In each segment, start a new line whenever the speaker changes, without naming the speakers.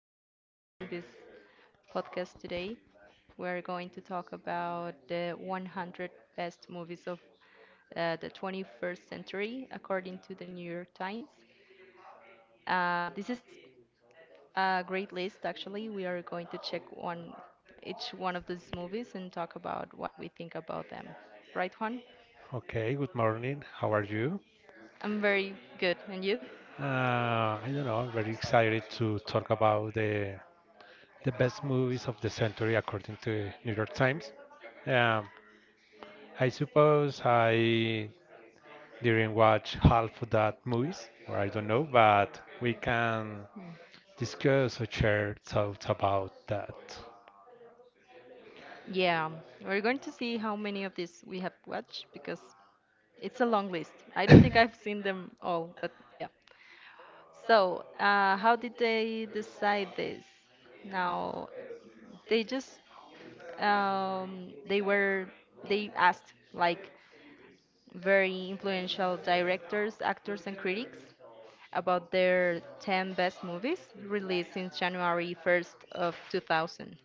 Juan here on this podcast today. We're going to talk about the 100 best movies of the 21st century according to the New York Times. This is a great list, actually. We are going to check each one of these movies and talk about what we think about them. Right, Juan?
Okay, good morning. How are you?
I'm very good. And you?
Uh, I don't know. I'm very excited to talk about the best movies of the century according to New York Times. Um, I suppose I didn't watch half of that movies, or I don't know, but we can
Mm.
discuss or share thoughts about that.
Yeah, we're going to see how many of these we have watched because it's a long list. I don't think I've seen them all, but yeah. So, how did they decide this? Now, they just um, they were they asked like very influential directors, actors, and critics about their 10 best movies released since January 1st of 2000,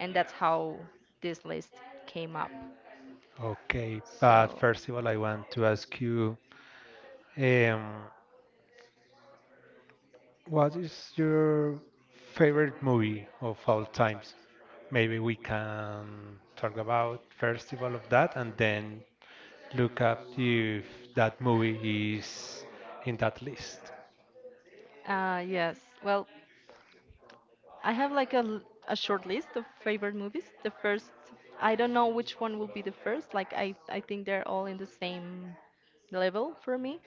and that's how this list came up.
Okay, but
So,
first of all, I want to ask you. Um, What is your favorite movie of all times? Maybe we can talk about festival of that and then look up if that movie is in that list.
yes. Well, I have like a short list of favorite movies. The first, I don't know which one will be the first. Like I think they're all in the same level for me.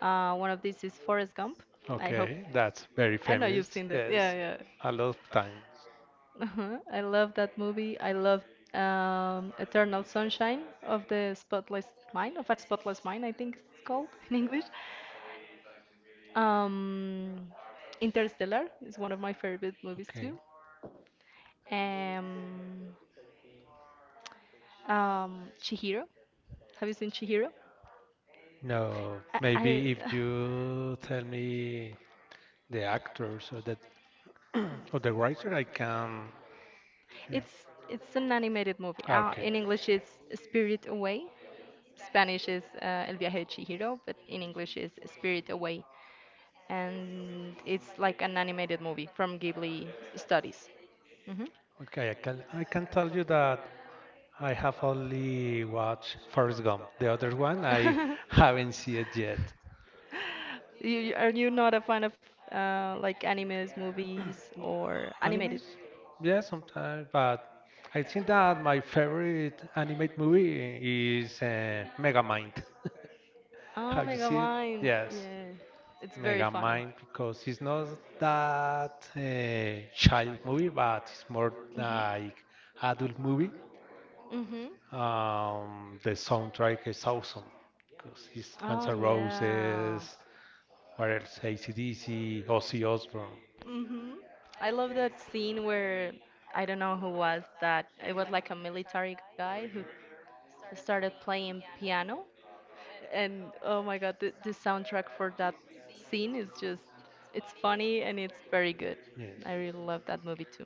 One of these is Forrest Gump. I hope.
Okay, that's very
I know you've
famous.
seen it.
Yes,
Yeah, yeah.
a lot of times.
Uh-huh. I love that movie. I love Eternal Sunshine of the Spotless Mind, of a Spotless Mind, I think it's called in English. Um, Interstellar is one of my favorite movies
Okay.
too. Um, Chihiro. Have you seen Chihiro?
No,
I
maybe if you tell me the actors or the or the writer, I can. Yeah.
it's it's an animated movie.
Okay.
In English, it's Spirit Away. Spanish is El viaje de Chihiro, but in English is Spirit Away, and it's like an animated movie from Ghibli Studies. Hmm.
Okay, I can tell you that I have only watched Forrest Gump. The other one I haven't seen it yet.
Yet. Are you not a fan of like animes, movies, or animated?
Animes? Yeah, sometimes, but I think that my favorite animated movie is Megamind.
Oh,
Have you seen it? Yes.
yeah, it's
Megamind, because it's not that child movie, but it's more like adult movie.
Mhm. It's
The soundtrack is awesome because it's Guns N' Roses, what else? AC/DC, Ozzy Osbourne.
hmm. I love that scene where I don't know who was that. It was like a military guy who started playing piano. And oh my God, the soundtrack for that scene is just, it's funny and it's very good.
Yes.
I really love that movie too.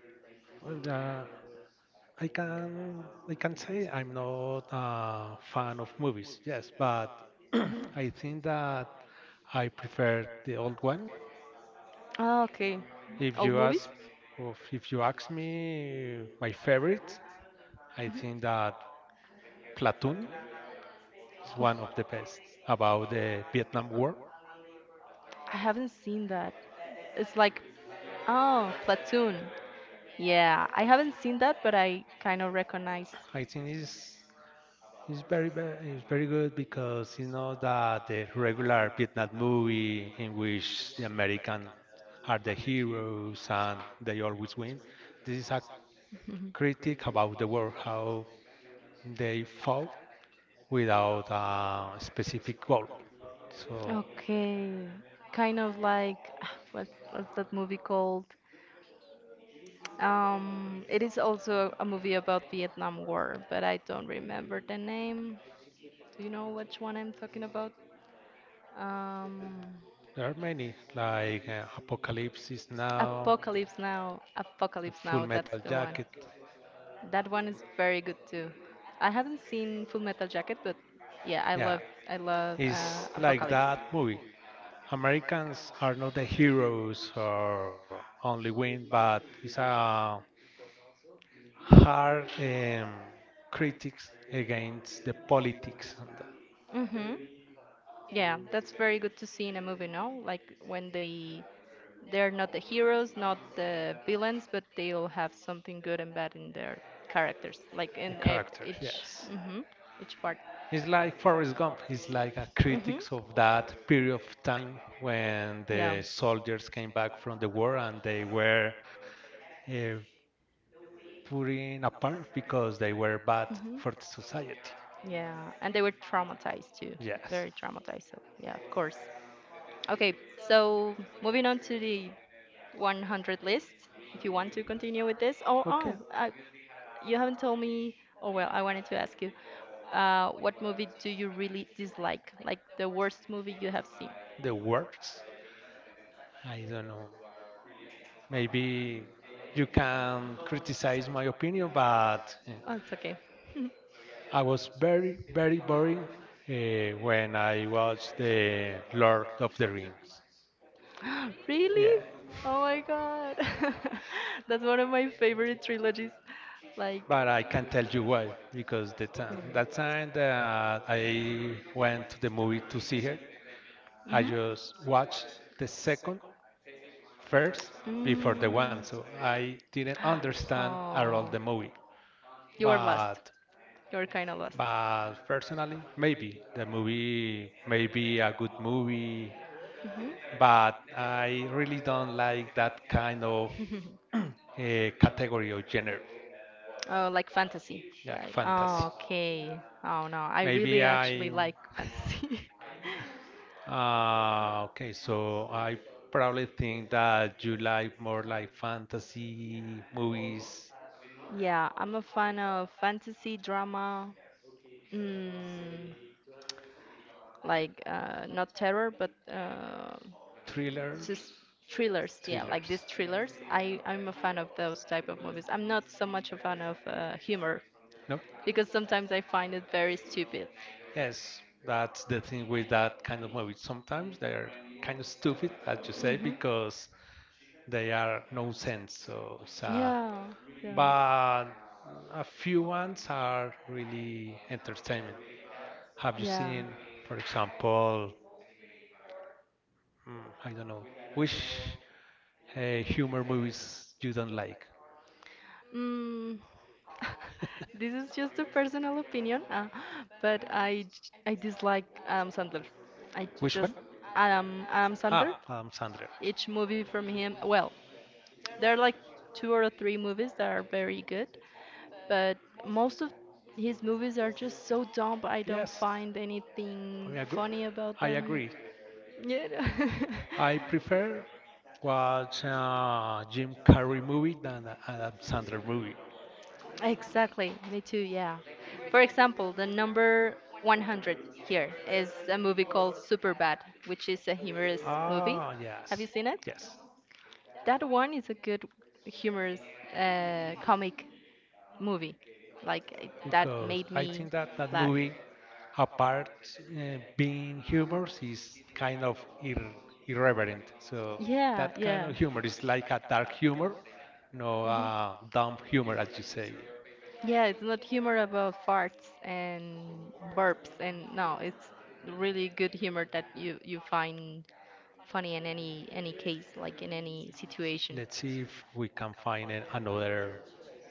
Well, I can say I'm not a fan of movies. Yes, but
Hmm.
I think that I prefer the old one.
Ah, okay.
If
Old
you
movies?
ask, of if you ask me, my favorite, I
Mhm.
think that Platoon is
Oof.
one of the best about the Vietnam War.
I haven't seen that. It's like, oh, Platoon. Yeah, I haven't seen that, but I kind of recognize.
I think it's it's very good because you know that the regular Vietnam movie in which the American are the heroes and they always win. This is a critic about the war, how they fought without a specific goal. So.
Okay, kind of like what's that movie called? It is also a movie about Vietnam War, but I don't remember the name. Do you know which one I'm talking about? Um,
There are many, like Apocalypse is Now,
Apocalypse Now. Apocalypse Now, Apocalypse
Full
Now, that's
Metal
the one.
Jacket.
That one is very good too. I haven't seen Full Metal Jacket, but yeah,
Yeah,
I love
it's like
Apocalypse.
that movie. Americans are not the heroes or only win, but it's a hard critics against the politics and that.
Mm-hmm. Yeah, that's very good to see in a movie, no? Like when they they're not the heroes, not the villains, but they all have something good and bad in their characters, like
The
in
characters.
each
Yes.
mhm, each part.
It's like Forrest Gump. It's like a
Mhm.
critics of that period of time when
Yeah.
the soldiers came back from the war and they were uh, put in apart because they were bad
Mhm.
for the society.
Yeah, and they were traumatized too, yes.
Yes.
Very traumatized. So yeah, of course. Okay, so moving on to the 100 list, if you want to continue with this.
Okay.
You haven't told me. Oh, well, I wanted to ask you, what movie do you really dislike? Like the worst movie you have seen?
The words. I don't know. Maybe you can criticize my opinion, but
Oh, it's okay.
I was very, very boring when I watched the Lord of the Rings. Yeah,
Really? Oh my god. That's one of my favorite trilogies. Like,
but I can not tell you why because the
mm.
time that I went to the movie to see her, I
Mhm.
just watched the second first before
Mm.
the one, so I didn't understand at all the
Oh,
movie.
you are lost.
But
You are kind of lost.
but personally, maybe the movie may be a good movie
Mhm.
but I really don't like that kind of uh, category or genre,
Oh, like fantasy.
like
Like,
fantasy.
oh, okay. Oh, no. I really
Maybe
actually
I'm.
like fantasy.
Okay, so I probably think that you like more like fantasy movies,
Yeah, I'm a fan of fantasy, drama, mm, like not terror, but
thrillers,
just thrillers. Yeah, like
thrillers.
these thrillers. I'm a fan of those type of movies. I'm not so much a fan of humor.
Nope.
Because sometimes I find it very stupid. Yes,
Yes, that's the thing with that kind of movies. Sometimes they are kind of stupid, as you say,
mhm.
because they are no sense. So it's
Yeah, yeah,
but a few ones are really entertainment. Have you
yeah.
seen, for example, mm, I don't know, which humor movies you don't like.
Mm, this is just a personal opinion, but I dislike Adam Sandler. I
Which one?
just one? Adam
Ah, Adam Sandler.
Each movie from him, well, there are like two or three movies that are very good, but most of his movies are just so dumb. I don't
Yes,
find
I
anything
mean,
funny about
I
them.
agree.
Yeah. No.
I prefer watch a Jim Carrey movie than a Adam Sandler movie.
Exactly, me too, yeah. For example, the number 100 here is a movie called Superbad, which is a humorous movie.
Ah,
Have you
yes,
seen it?
yes.
That one is a good humorous comic movie. Like I- that
Because
made
I
me
think that that
laugh.
movie, apart being humorous, is kind of irreverent. So
Yeah,
that kind
yeah.
of humor is like a dark humor, no
Hmm.
dumb humor, as you say.
Yeah, it's not humor about farts and burps and no, it's really good humor that you find funny in any case, like in any situation.
Let's see if we can find another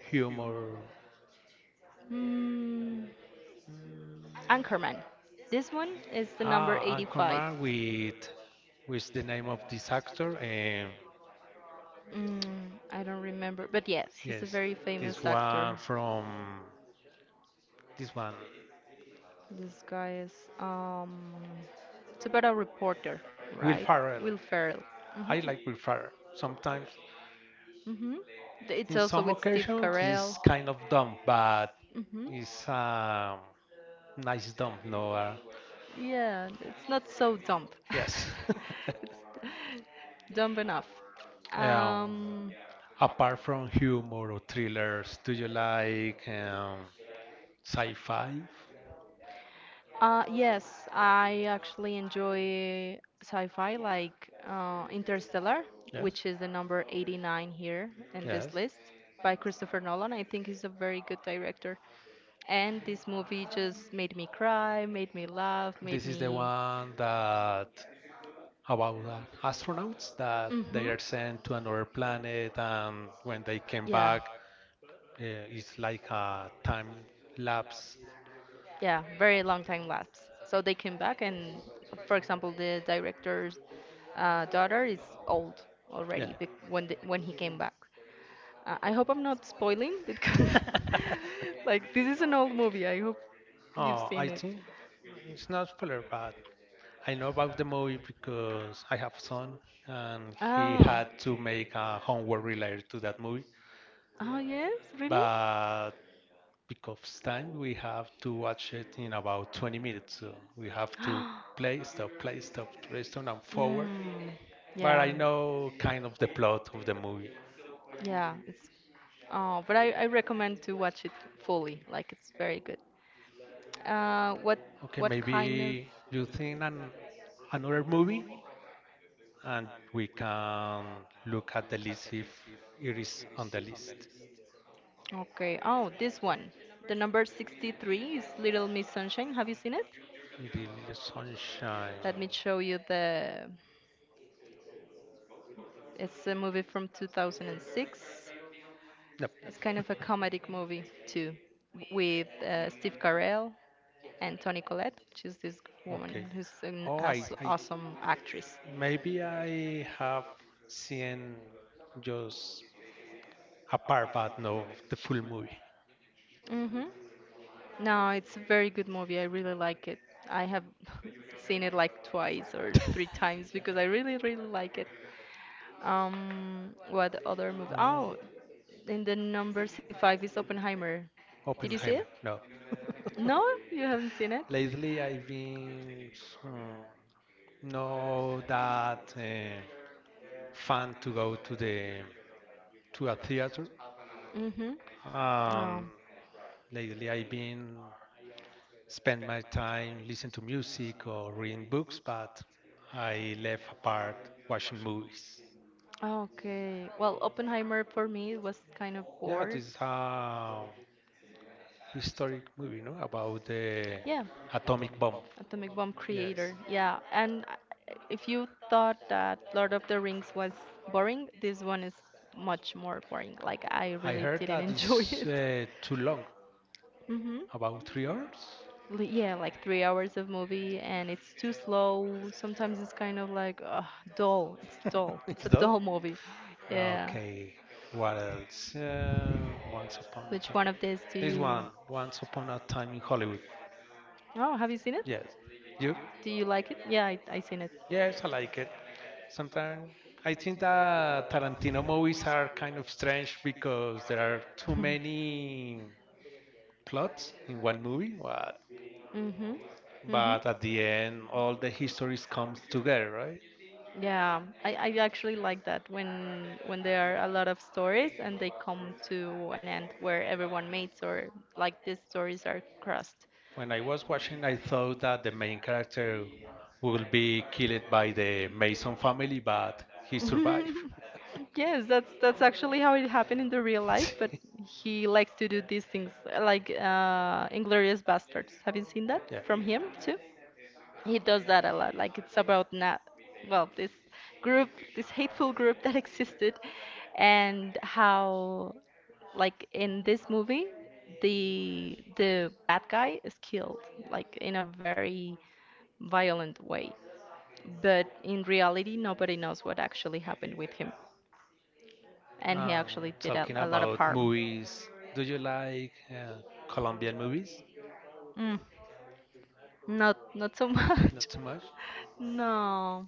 humor.
Hmm.
Mm,
Anchorman. This one is the number
ah,
85.
Anchorman with the name of this actor.
Mm, I don't remember, but yes, he's a
Yes,
very
this
famous actor.
one from this one,
This guy is um, it's about a reporter,
Will
right?
Ferrell.
Will Ferrell.
I
Mhm.
like Will Ferrell. Sometimes,
Mhm. It's
in
also
some
with Steve
occasions,
Carell.
he's kind of dumb, but
Mhm.
he's nice dumb. No,
Yeah, it's not so dumb.
yes.
It's dumb enough.
um,
Um,
Apart from humor or thrillers, do you like sci-fi?
yes, I actually enjoy sci-fi like Interstellar,
Yeah.
which is the number 89 here in this
Yes.
list by Christopher Nolan. I think he's a very good director. And this movie just made me cry, made me laugh, made
This is the
me.
one that about astronauts that they are
Mm-hmm.
sent to another planet, and when they came
Yeah.
back, uh, it's like a time lapse.
Yeah, very long time lapse. So they came back, and for example, the director's daughter is old already
Yeah.
yeah. When when he came back. I hope I'm not spoiling because, like, this is an old movie. I hope you've
Oh,
seen
I
it.
think it's not spoiler, but I know about the movie because I have a son and he
Oh.
had to make a homework related to that movie.
Oh, yes? Really?
But because of time, we have to watch it in about 20 minutes. So we have to play, stop, restore, and forward.
Mm, but
But
yeah.
I know kind of the plot of the movie.
Yeah, it's oh, but I recommend to watch it fully. Like it's very good. Uh, what
Okay,
what kind of?
maybe you think an, another movie and we can look at the list if it is on the list.
Okay. Oh, this one. The number 63 is Little Miss Sunshine. Have you seen it?
It in the sunshine.
Let me show you the. It's a movie from 2006.
Yep.
It's kind of a comedic movie too, w- with Steve Carell and Toni Collette, which is this woman
Okay.
who's an
Oh, I,
as
I
awesome actress.
maybe I have seen just a part, but no, the full movie.
Mm-hmm. No, it's a very good movie. I really like it. I have seen it like twice or three times because I really, really like it. What other movie?
Ah,
Oh, in the number 65 is Oppenheimer. Did you see
Oppenheimer.
it?
No.
No, you haven't seen it?
Lately, I've been hmm, no that fan to go to the to a theater.
Mm-hmm.
Um,
No.
Lately, I've been spend my time listening to music or reading books, but I left apart watching movies.
Okay. Well, Oppenheimer for me was kind of
Yeah,
bored.
this is a historic movie, no? About the
Yeah,
atomic bomb.
atomic bomb
Yes,
creator. Yeah, and if you thought that Lord of the Rings was boring, this one is much more boring. Like I
I
really
heard
didn't
that
enjoy
it's
it.
too long,
Mm-hmm.
about 3 hours.
Yeah, like 3 hours of movie, and it's too slow. Sometimes it's kind of like dull. It's dull. It's
It's
a
done.
dull movie. Yeah.
Okay, what else? Once Upon a
Which
Time.
one of these do
This
you?
one, Once Upon a Time in Hollywood.
Oh, have you seen it?
Yes. You?
Do you like it? Yeah. Yeah, I seen it.
Yes, I like it. Sometimes I think that Tarantino movies are kind of strange because there are too many plots in one movie,
Mm-hmm. Mm-hmm.
but at the end, all the histories comes together, right?
Right? Yeah, I actually like that when there are a lot of stories and they come to an end where everyone meets or like these stories are crossed.
When I was watching, I thought that the main character will be killed by the Mason family, but he survived.
Yes, that's actually how it happened in the real life, but he likes to do these things like Inglorious Bastards. Have you seen that
Yeah.
from him too? He does that a lot. Like it's about not well, this group, this hateful group that existed and how like in this movie the bad guy is killed like in a very violent way. But in reality nobody knows what actually happened with him and he
Um,
actually did
talking
a lot of
about
harm.
movies, do you like Colombian movies?
Uh, mm, not not so
Not
much.
too much.
No,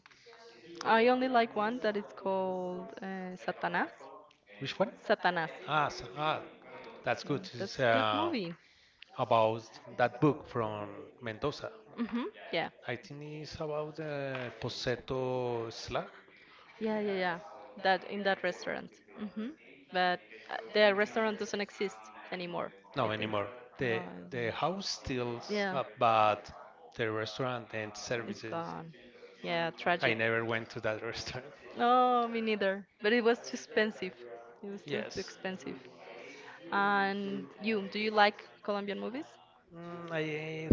I only like one that is called Satanas.
Which one?
Satanas.
Ah, so, ah, that's good. It's
That's good movie.
about that book from Mendoza.
Hmm. Yeah.
I think it's about the Poseto Slag.
Yeah. That in that restaurant. Hmm. But the restaurant doesn't exist anymore, I
No,
think.
anymore.
No, I
The
don't.
the house steals
Yeah,
up, but the restaurant and
it's
services.
gone. Yeah,
I
tragic.
never went to that restaurant.
No, me neither. But it was too expensive. It was too
Yes.
expensive. And you, do you like Colombian movies?
I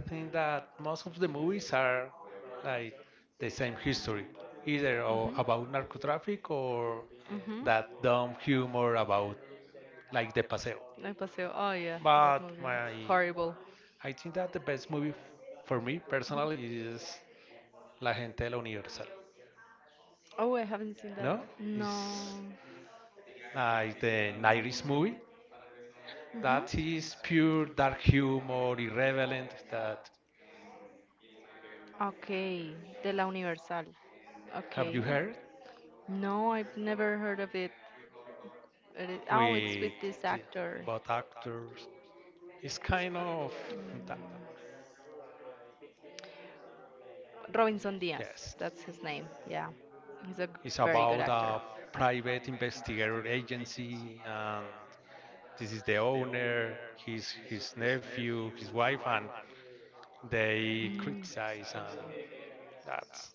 think that most of the movies are like the same history, either
Mhm. Mhm.
about narcotraffic or
Mhm.
that dumb humor about like the paseo.
El Paseo. Oh yeah, that
But
movie is
my,
horrible.
I think that the best movie for me personally is La Gente de la Universal.
Oh, I haven't seen that.
No,
No? No.
it's like the 90s movie.
Mhm.
That is pure dark humor, irreverent. That
Okay, de la Universal.
have
Have
you
you Okay.
heard
No, I've never heard of it. It is- Oh, it's with
with
this
the,
actor.
both actors? It's kind of
Mm.
that.
Robinson Diaz,
Yes.
that's his name. Yeah, he's a
It's
very good
about
actor.
a private investigator agency, and this is the owner, his nephew, his wife, and they
Mm.
criticize, and that's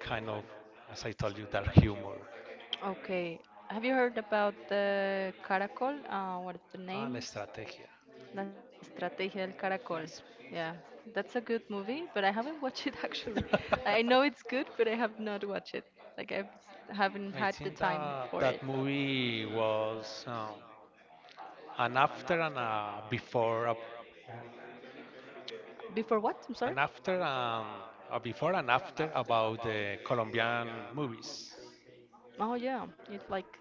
kind of, as I told you, dark humor.
Okay. Have you heard about the caracol? What is the
Ah, la
name?
estrategia.
La Estrategia del Caracol.
That's
Yeah, that's a good movie, but I haven't watched it actually. I know it's good, but I have not watched it. Like I haven't
I
had the
think
time
that
for
that
it.
movie was an after and a before a,
Before what? I'm sorry.
an after and a before and after about the Colombian movies.
Oh yeah, it like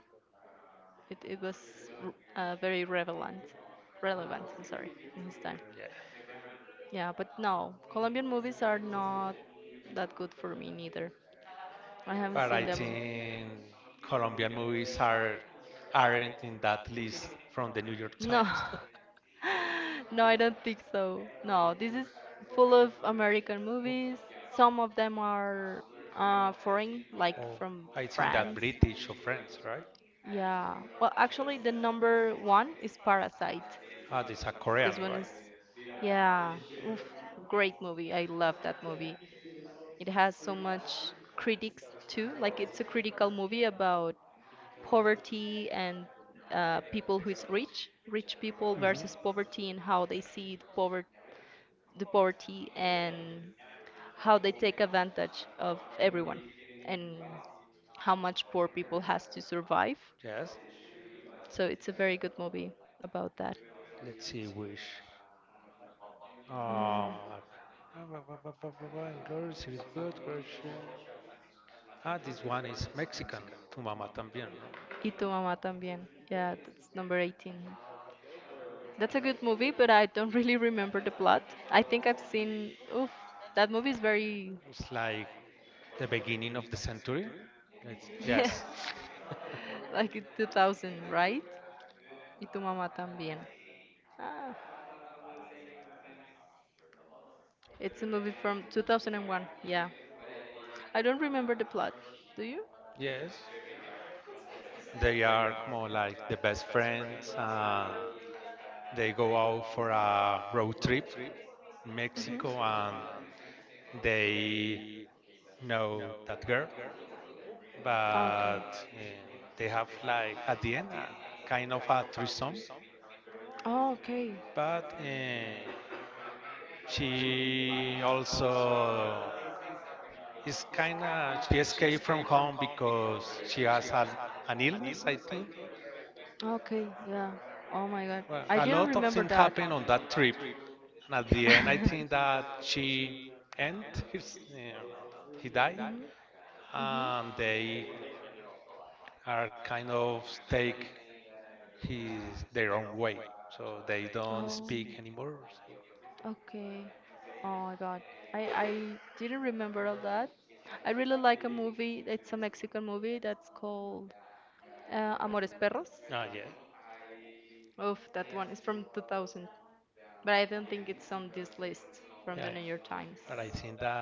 it was very relevant, relevant. I'm sorry in his time.
Yeah,
Yeah, but no, Colombian movies are not that good for me neither. I haven't
but
seen And
I
I them.
think Colombian movies aren't in that list from the New York
No. Times.
Times.
No, I don't think so. No, this is full of American movies. Some of them are foreign, like
Oh,
from
I
I
think that
France.
British or French, right?
Yeah. Well, actually, the number one is Parasite.
Ah, this a Korean,
This one
right?
is, yeah, oof, great movie. I love that movie. It has so much critics too. Like it's a critical movie about poverty and people who is rich, rich people versus
Hmm.
poverty and how they see the poverty, the poverty, and how they take advantage of everyone and how much poor people has to survive.
Yes.
So it's a very good movie about that.
Let's see which.
Mm.
Um, Glorious of God, courage. Ah, this one is Mexican, Tu Mama También, no?
Y tu mamá también. Yeah, that's number 18. That's a good movie, but I don't really remember the plot. I think I've seen. Oof, that movie is very.
It's like the beginning of the century. It's,
Yeah,
yes,
like in 2000, right? Y tu mamá también. Ah, it's a movie from 2001. Yeah, I don't remember the plot. Do you?
yes. They are more like the best friends, and they go out for a road trip in
Hmm.
Mexico, and they know that girl,
Okay.
but eh, they have like at the end a kind of a threesome.
Oh, okay.
But she also is kind of she escaped from home because she has an illness I think.
Okay. Yeah. Oh my God,
Well,
I
a
didn't
lot of
remember
things
that.
happened on that trip and at the end I think that she and his, he died
Mhm. Mhm.
and they are kind of take his their own way so they don't
Oh.
speak anymore so.
Okay. Oh my God. I I didn't remember all that. I really like a movie. It's a Mexican movie that's called Amores Perros.
Ah yeah.
Oof, that one is from 2000, but I don't think it's on this list
Yeah,
from the New York Times.
but I think that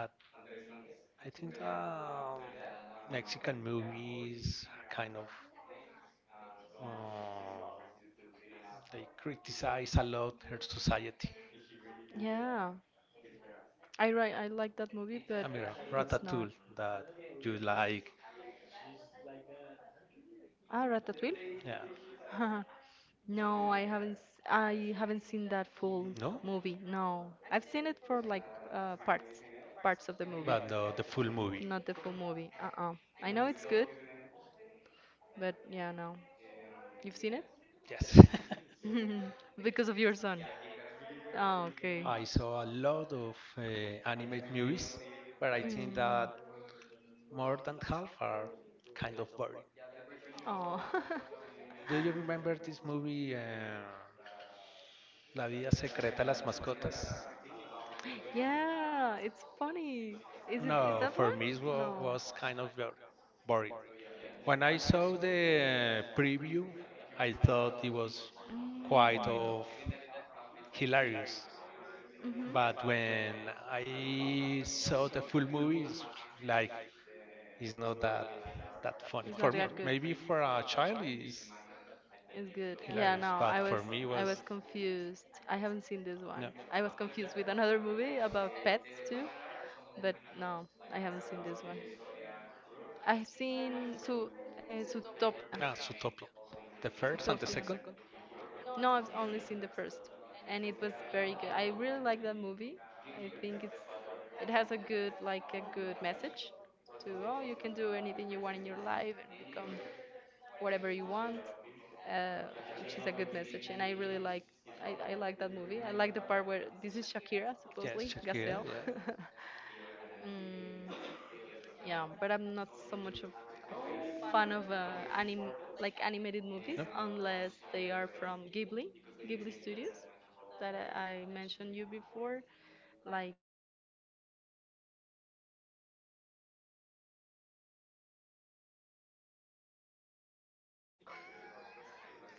I think Mexican movies kind of uh, they criticize a lot her society.
Yeah, I like that movie,
I
but
mean,
it's
Ratatouille
not.
that you like,
That Ah, Ratatouille?
yeah,
No, I haven't. I haven't seen that full
no,
movie. No, I've seen it for like parts, parts of the movie,
but no, the full movie,
not the full movie. Uh-uh. I know it's good, but yeah, no. You've seen it?
yes.
Because of your son. Oh, okay.
I saw a lot of animated movies, but I think
Mm.
that more than half are kind of boring.
Oh.
Do you remember this movie, La Vida Secreta de las Mascotas?
Yeah, it's funny. Is
No,
that
for
one?
me
No.
was kind of boring. When I saw the preview, I thought it was quite
Mm.
of hilarious.
Mhm.
But when I saw the full movie, it's like it's not that funny
It's not
for me.
that good.
Maybe for a child it's
It's good. Yeah,
hilarious,
no,
but for me
I was
was
confused. I haven't seen this one.
no.
I was confused with another movie about pets too, but no, I haven't seen this one. I've seen Su uh, Zootopia.
Ah, Zootopia. The first and the
Zootopia.
second?
No, I've only seen the first, and it was very good. I really like that movie. I think it has a good like a good message to oh you can do anything you want in your life and become whatever you want, uh, which is a good message. And I really like that movie. I like the part where this is Shakira, supposedly,
Yes,
Gazelle.
Shakira, yeah.
mm, yeah, but I'm not so much of a fan of anim like animated movies
No?
unless they are from Ghibli, Ghibli Studios that I mentioned you before, like Spirit Away. Uh,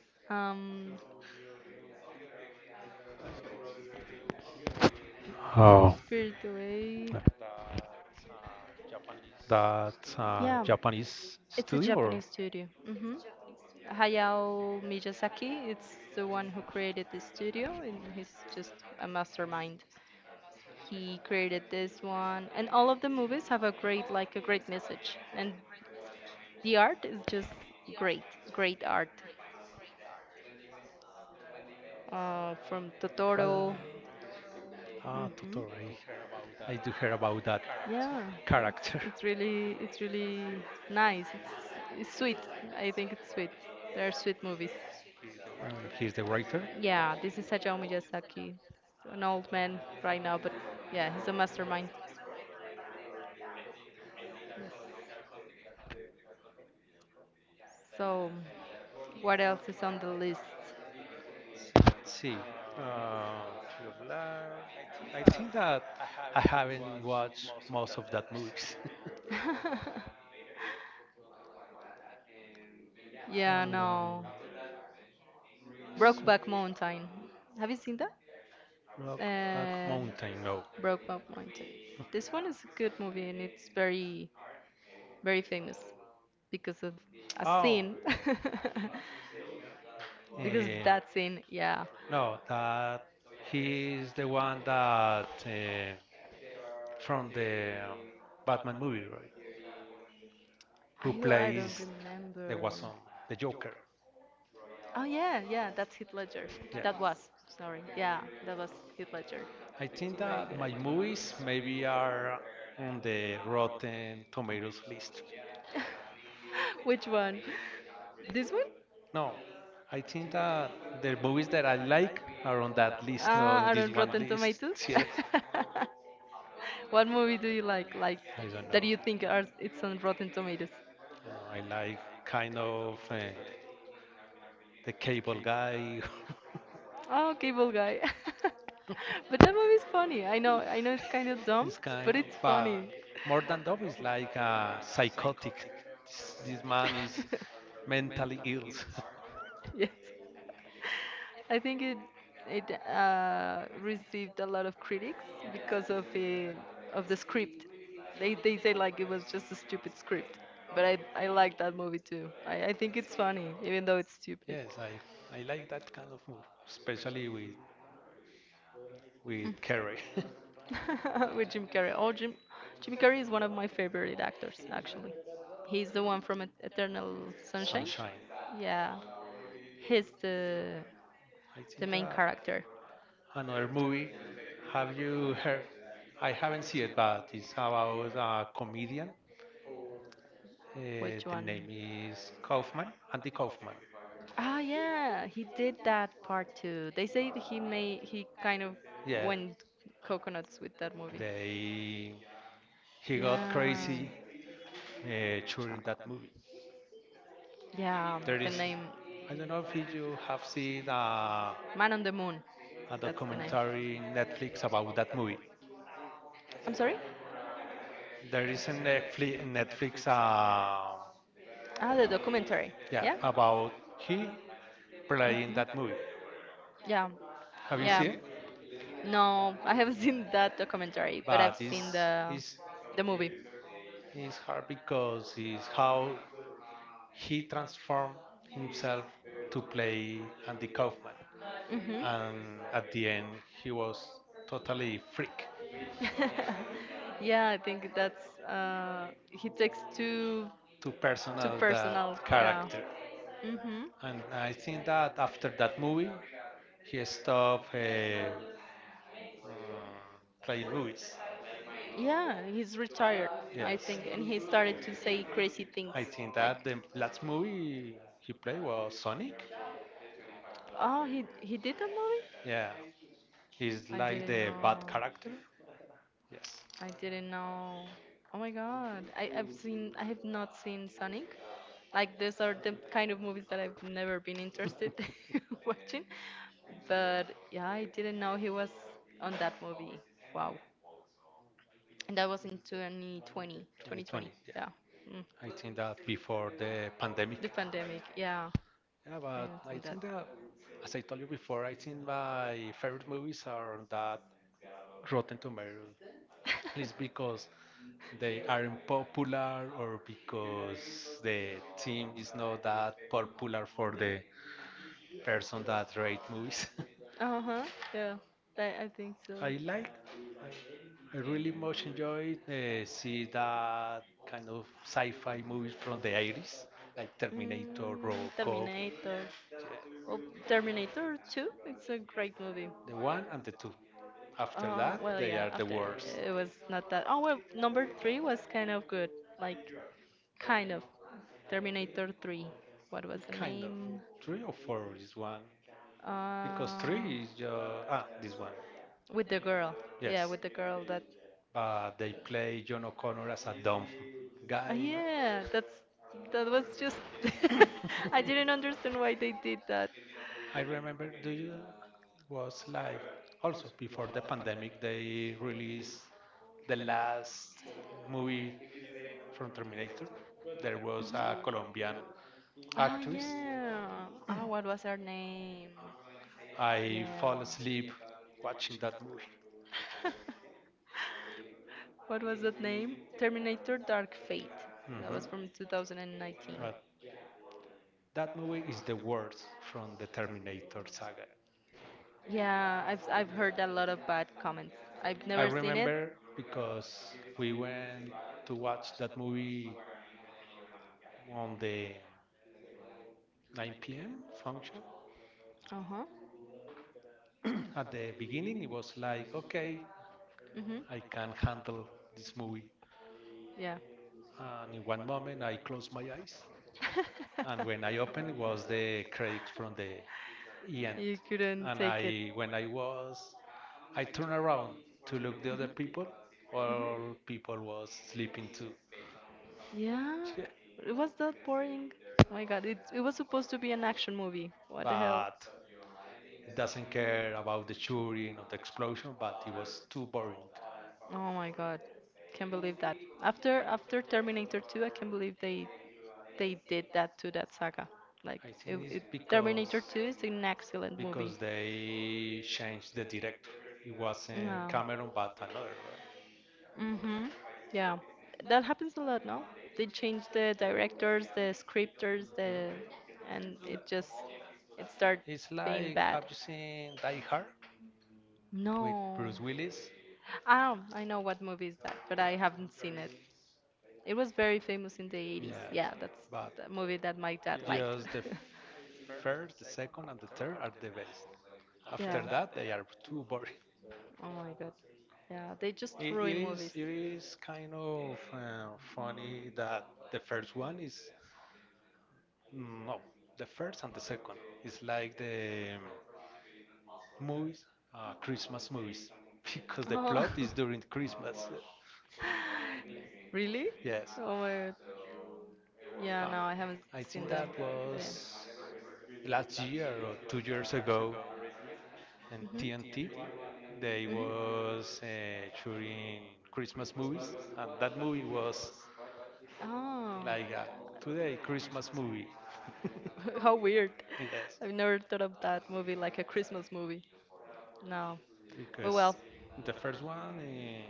um,
Oh, uh,
Spirit Away.
that's Japanese
Yeah,
studio or
it's a Japanese studio. Hmm. Hayao Miyazaki, it's the one who created this studio, and he's just a mastermind. He created this one, and all of the movies have a great, like a great message, and the art is just great, great art.
what?
From Totoro.
Ah, Totoro.
Hmm.
I do hear about that
Yeah,
character.
it's really nice. It's sweet. I think it's sweet. They are sweet movies.
And he's the writer.
Yeah, this is Hayao Miyazaki. He's an old man right now, but yeah, he's a mastermind. So, what else is on the list?
See, uh, Tree of Life. I think that I haven't watched most of that movies.
Yeah,
Hmm,
no. Brokeback Mountain. Have you seen that?
Rock, Rock
And
Mountain, no.
Brokeback Mountain. This one is a good movie and it's very famous because of a
Oh,
scene. Because of
eh,
that scene, yeah.
no, that he is the one that from the Batman movie, right? Who
I don't
plays the
remember.
Guasón, the Joker.
Oh yeah, yeah, that's Heath Ledger.
Yeah.
That was, sorry, yeah, that was Heath Ledger.
I think
Very
that
good
my
actor.
movies maybe are on the Rotten Tomatoes list.
Which one? This one?
No, I think that the movies that I like are on that list, not on
Ah,
this
on
one
Rotten
list.
Tomatoes? Yes. What movie do you like
Yes, I
that
don't
you
know.
think are it's on Rotten Tomatoes?
You know, I like kind of the cable guy.
Oh, Cable Guy. But that movie is funny. I know it's kind of dumb,
It's
but
kind of,
it's
but
funny.
more than that, it's like
Is
psychotic. This man is
is
mentally ill.
Yes. I think it received a lot of critics because of the script. They say like it was just a stupid script, but I like that movie too. I think it's funny even though it's stupid.
Yes, I like that kind of move, especially with Kerry.
With Jim Carrey. Oh, Jim Carrey is one of my favorite actors actually. He's the one from Eternal Sunshine.
Sunshine.
Yeah, he's
I
the
think
main
that
character.
another movie. Have you heard? I haven't seen it, but it's about a comedian.
Which
The
one?
name is Kaufman, Andy Kaufman.
Ah, yeah, he did that part too. They say that he kind of
Yeah,
went coconuts with that movie.
they he got
Yeah,
crazy during that movie.
yeah.
There
The
is,
name
I don't know if you have seen
Man on the Moon.
a
That's the name.
documentary in Netflix about that movie.
I'm sorry?
There is a Netflix,
Ah, the documentary.
yeah,
Yeah.
about he playing
Mhm.
that movie.
Yeah,
Have
Have
you seen
yeah.
it?
No, I haven't seen that documentary, but I've
But
seen
it's, it's,
the movie.
it's hard because it's how he transformed himself to play Andy Kaufman.
Mhm.
And at the end, he was totally freak.
Freak. Yeah, I think that's he takes
To
too
personal that
personal. Yeah.
character.
Character. Mhm.
And I think that after that movie, he stopped playing movies.
Yeah, he's retired, I
Yes,
think, and he started to say crazy things
I think
like
that the last movie he played was Sonic.
Oh, he did that movie?
Yeah, he's
I
like
didn't
the bad
know.
character. Yes,
I didn't know. Oh my god. I have not seen Sonic. Like these are the kind of movies that I've never been
2020.
interested watching. But yeah, I didn't know he was on that movie. Wow. And that was in 2020, 2020.
Yeah,
Yeah. Mm.
I think that before the
The
pandemic.
pandemic. Yeah.
Yeah,
I
but
not
I
think that.
think that, as I told you before, I think my favorite movies are that Rotten Tomatoes. It's because they aren't popular or because the team is not that popular for the person that rate movies.
Uh-huh, yeah, I think so. uh,
I like, I really much enjoy see that kind of sci-fi movies from the 80s, like
like bro.
Terminator,
Mm,
RoboCop. Yeah.
Terminator. Well, Terminator 2, it's a great movie.
The one and the two. After
Oh,
that,
well,
they
yeah,
are the
after
worst.
it was not that. Oh, well, number 3 was kind of good. Like, kind of. Terminator 3. What was the
Kind of.
name?
Three or four is one.
Uh,
Because three is this one.
with the girl. Yeah, Yes,
Yes.
with the girl that.
But they play John O'Connor as a dumb guy.
Yeah, that's that was just. I didn't understand why they did that.
I remember do you it was like also before the pandemic they released the last movie from Terminator. There was a
Mhm.
Colombian
Ah,
actress.
yeah. Ah, what was her name?
I fall
Yeah.
asleep watching that movie.
What was that name? Terminator Dark Fate. That
Mhm.
was from 2019.
Uh, that movie is the worst from the Terminator saga.
Yeah, I've heard a lot of bad comments. I've
I
never seen it.
remember because we went to watch that movie on the 9 p.m. function.
Uh-huh.
At the beginning, it was like, okay,
Mm-hmm.
I can handle this movie.
Yeah.
And in one moment, I closed my eyes. And when I opened, it was the cracks from the end.
You couldn't
And
take it.
I, when I was, I turned around to look the other people. All people was sleeping too.
Yeah.
Yeah.
It was that boring. Oh my god, it was supposed to be an action movie. What the hell?
But it doesn't care about the shooting or the explosion, but it was too boring.
Oh my god. Can't believe that. After Terminator 2, I can't believe they did that to that saga. Like
I think it's
it Terminator 2 is an excellent movie.
because they changed the director. It wasn't
No.
Cameron, but another, right?
Mm-hmm. Yeah, that happens a lot, no? They change the directors, the scripters, the
Mhm.
and it just it start
It's
being
like, have
bad.
you seen Die Hard with
No.
Bruce Willis?
I don't. I know what movie is that, but I haven't seen it. It was very famous in the 80s.
Yes,
Yeah, that's
but
the movie that my dad
just
liked.
the first, the second, and the third are the best. After
Yeah.
that, they are too boring.
Oh my god. Yeah, they just
It, it
ruin
is
movies.
it is kind of funny that the first one is no, the first and the second is like the movies, Christmas movies, because the
Oh.
plot is during Christmas.
Really?
Yes,
Oh my god. Yeah,
uh,
no, I haven't
I
seen them.
think that
But yeah.
was last year or 2 years ago, and
Mhm.
TNT they
Mhm.
was showing Christmas movies, and that movie was
Ah.
like a today Christmas movie.
How weird. Yes.
Yes,
I've Yes. never thought of that movie like a Christmas movie. No. But well,
because the first one,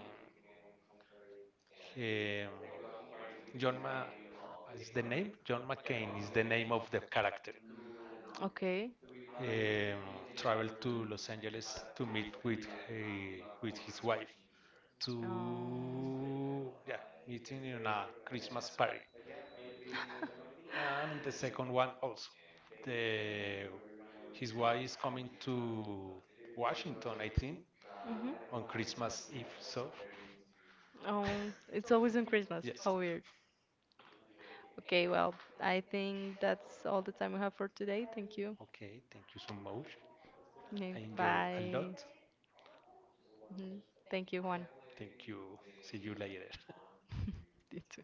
um, John Ma, John McCain is the name of the character.
okay.
Um, traveled to Los Angeles to meet with his wife
Um,
to yeah meeting in a Christmas party. And in the second one also the his wife is coming to Washington I think
mhm.
on Christmas Eve so
It's always in Christmas.
yes
How weird. Okay, well, I think that's all the time we have for today. Thank you.
okay thank you so much
Okay,
I enjoy a lot
Bye. Mhm. Thank you, Juan.
thank you see you later
You too.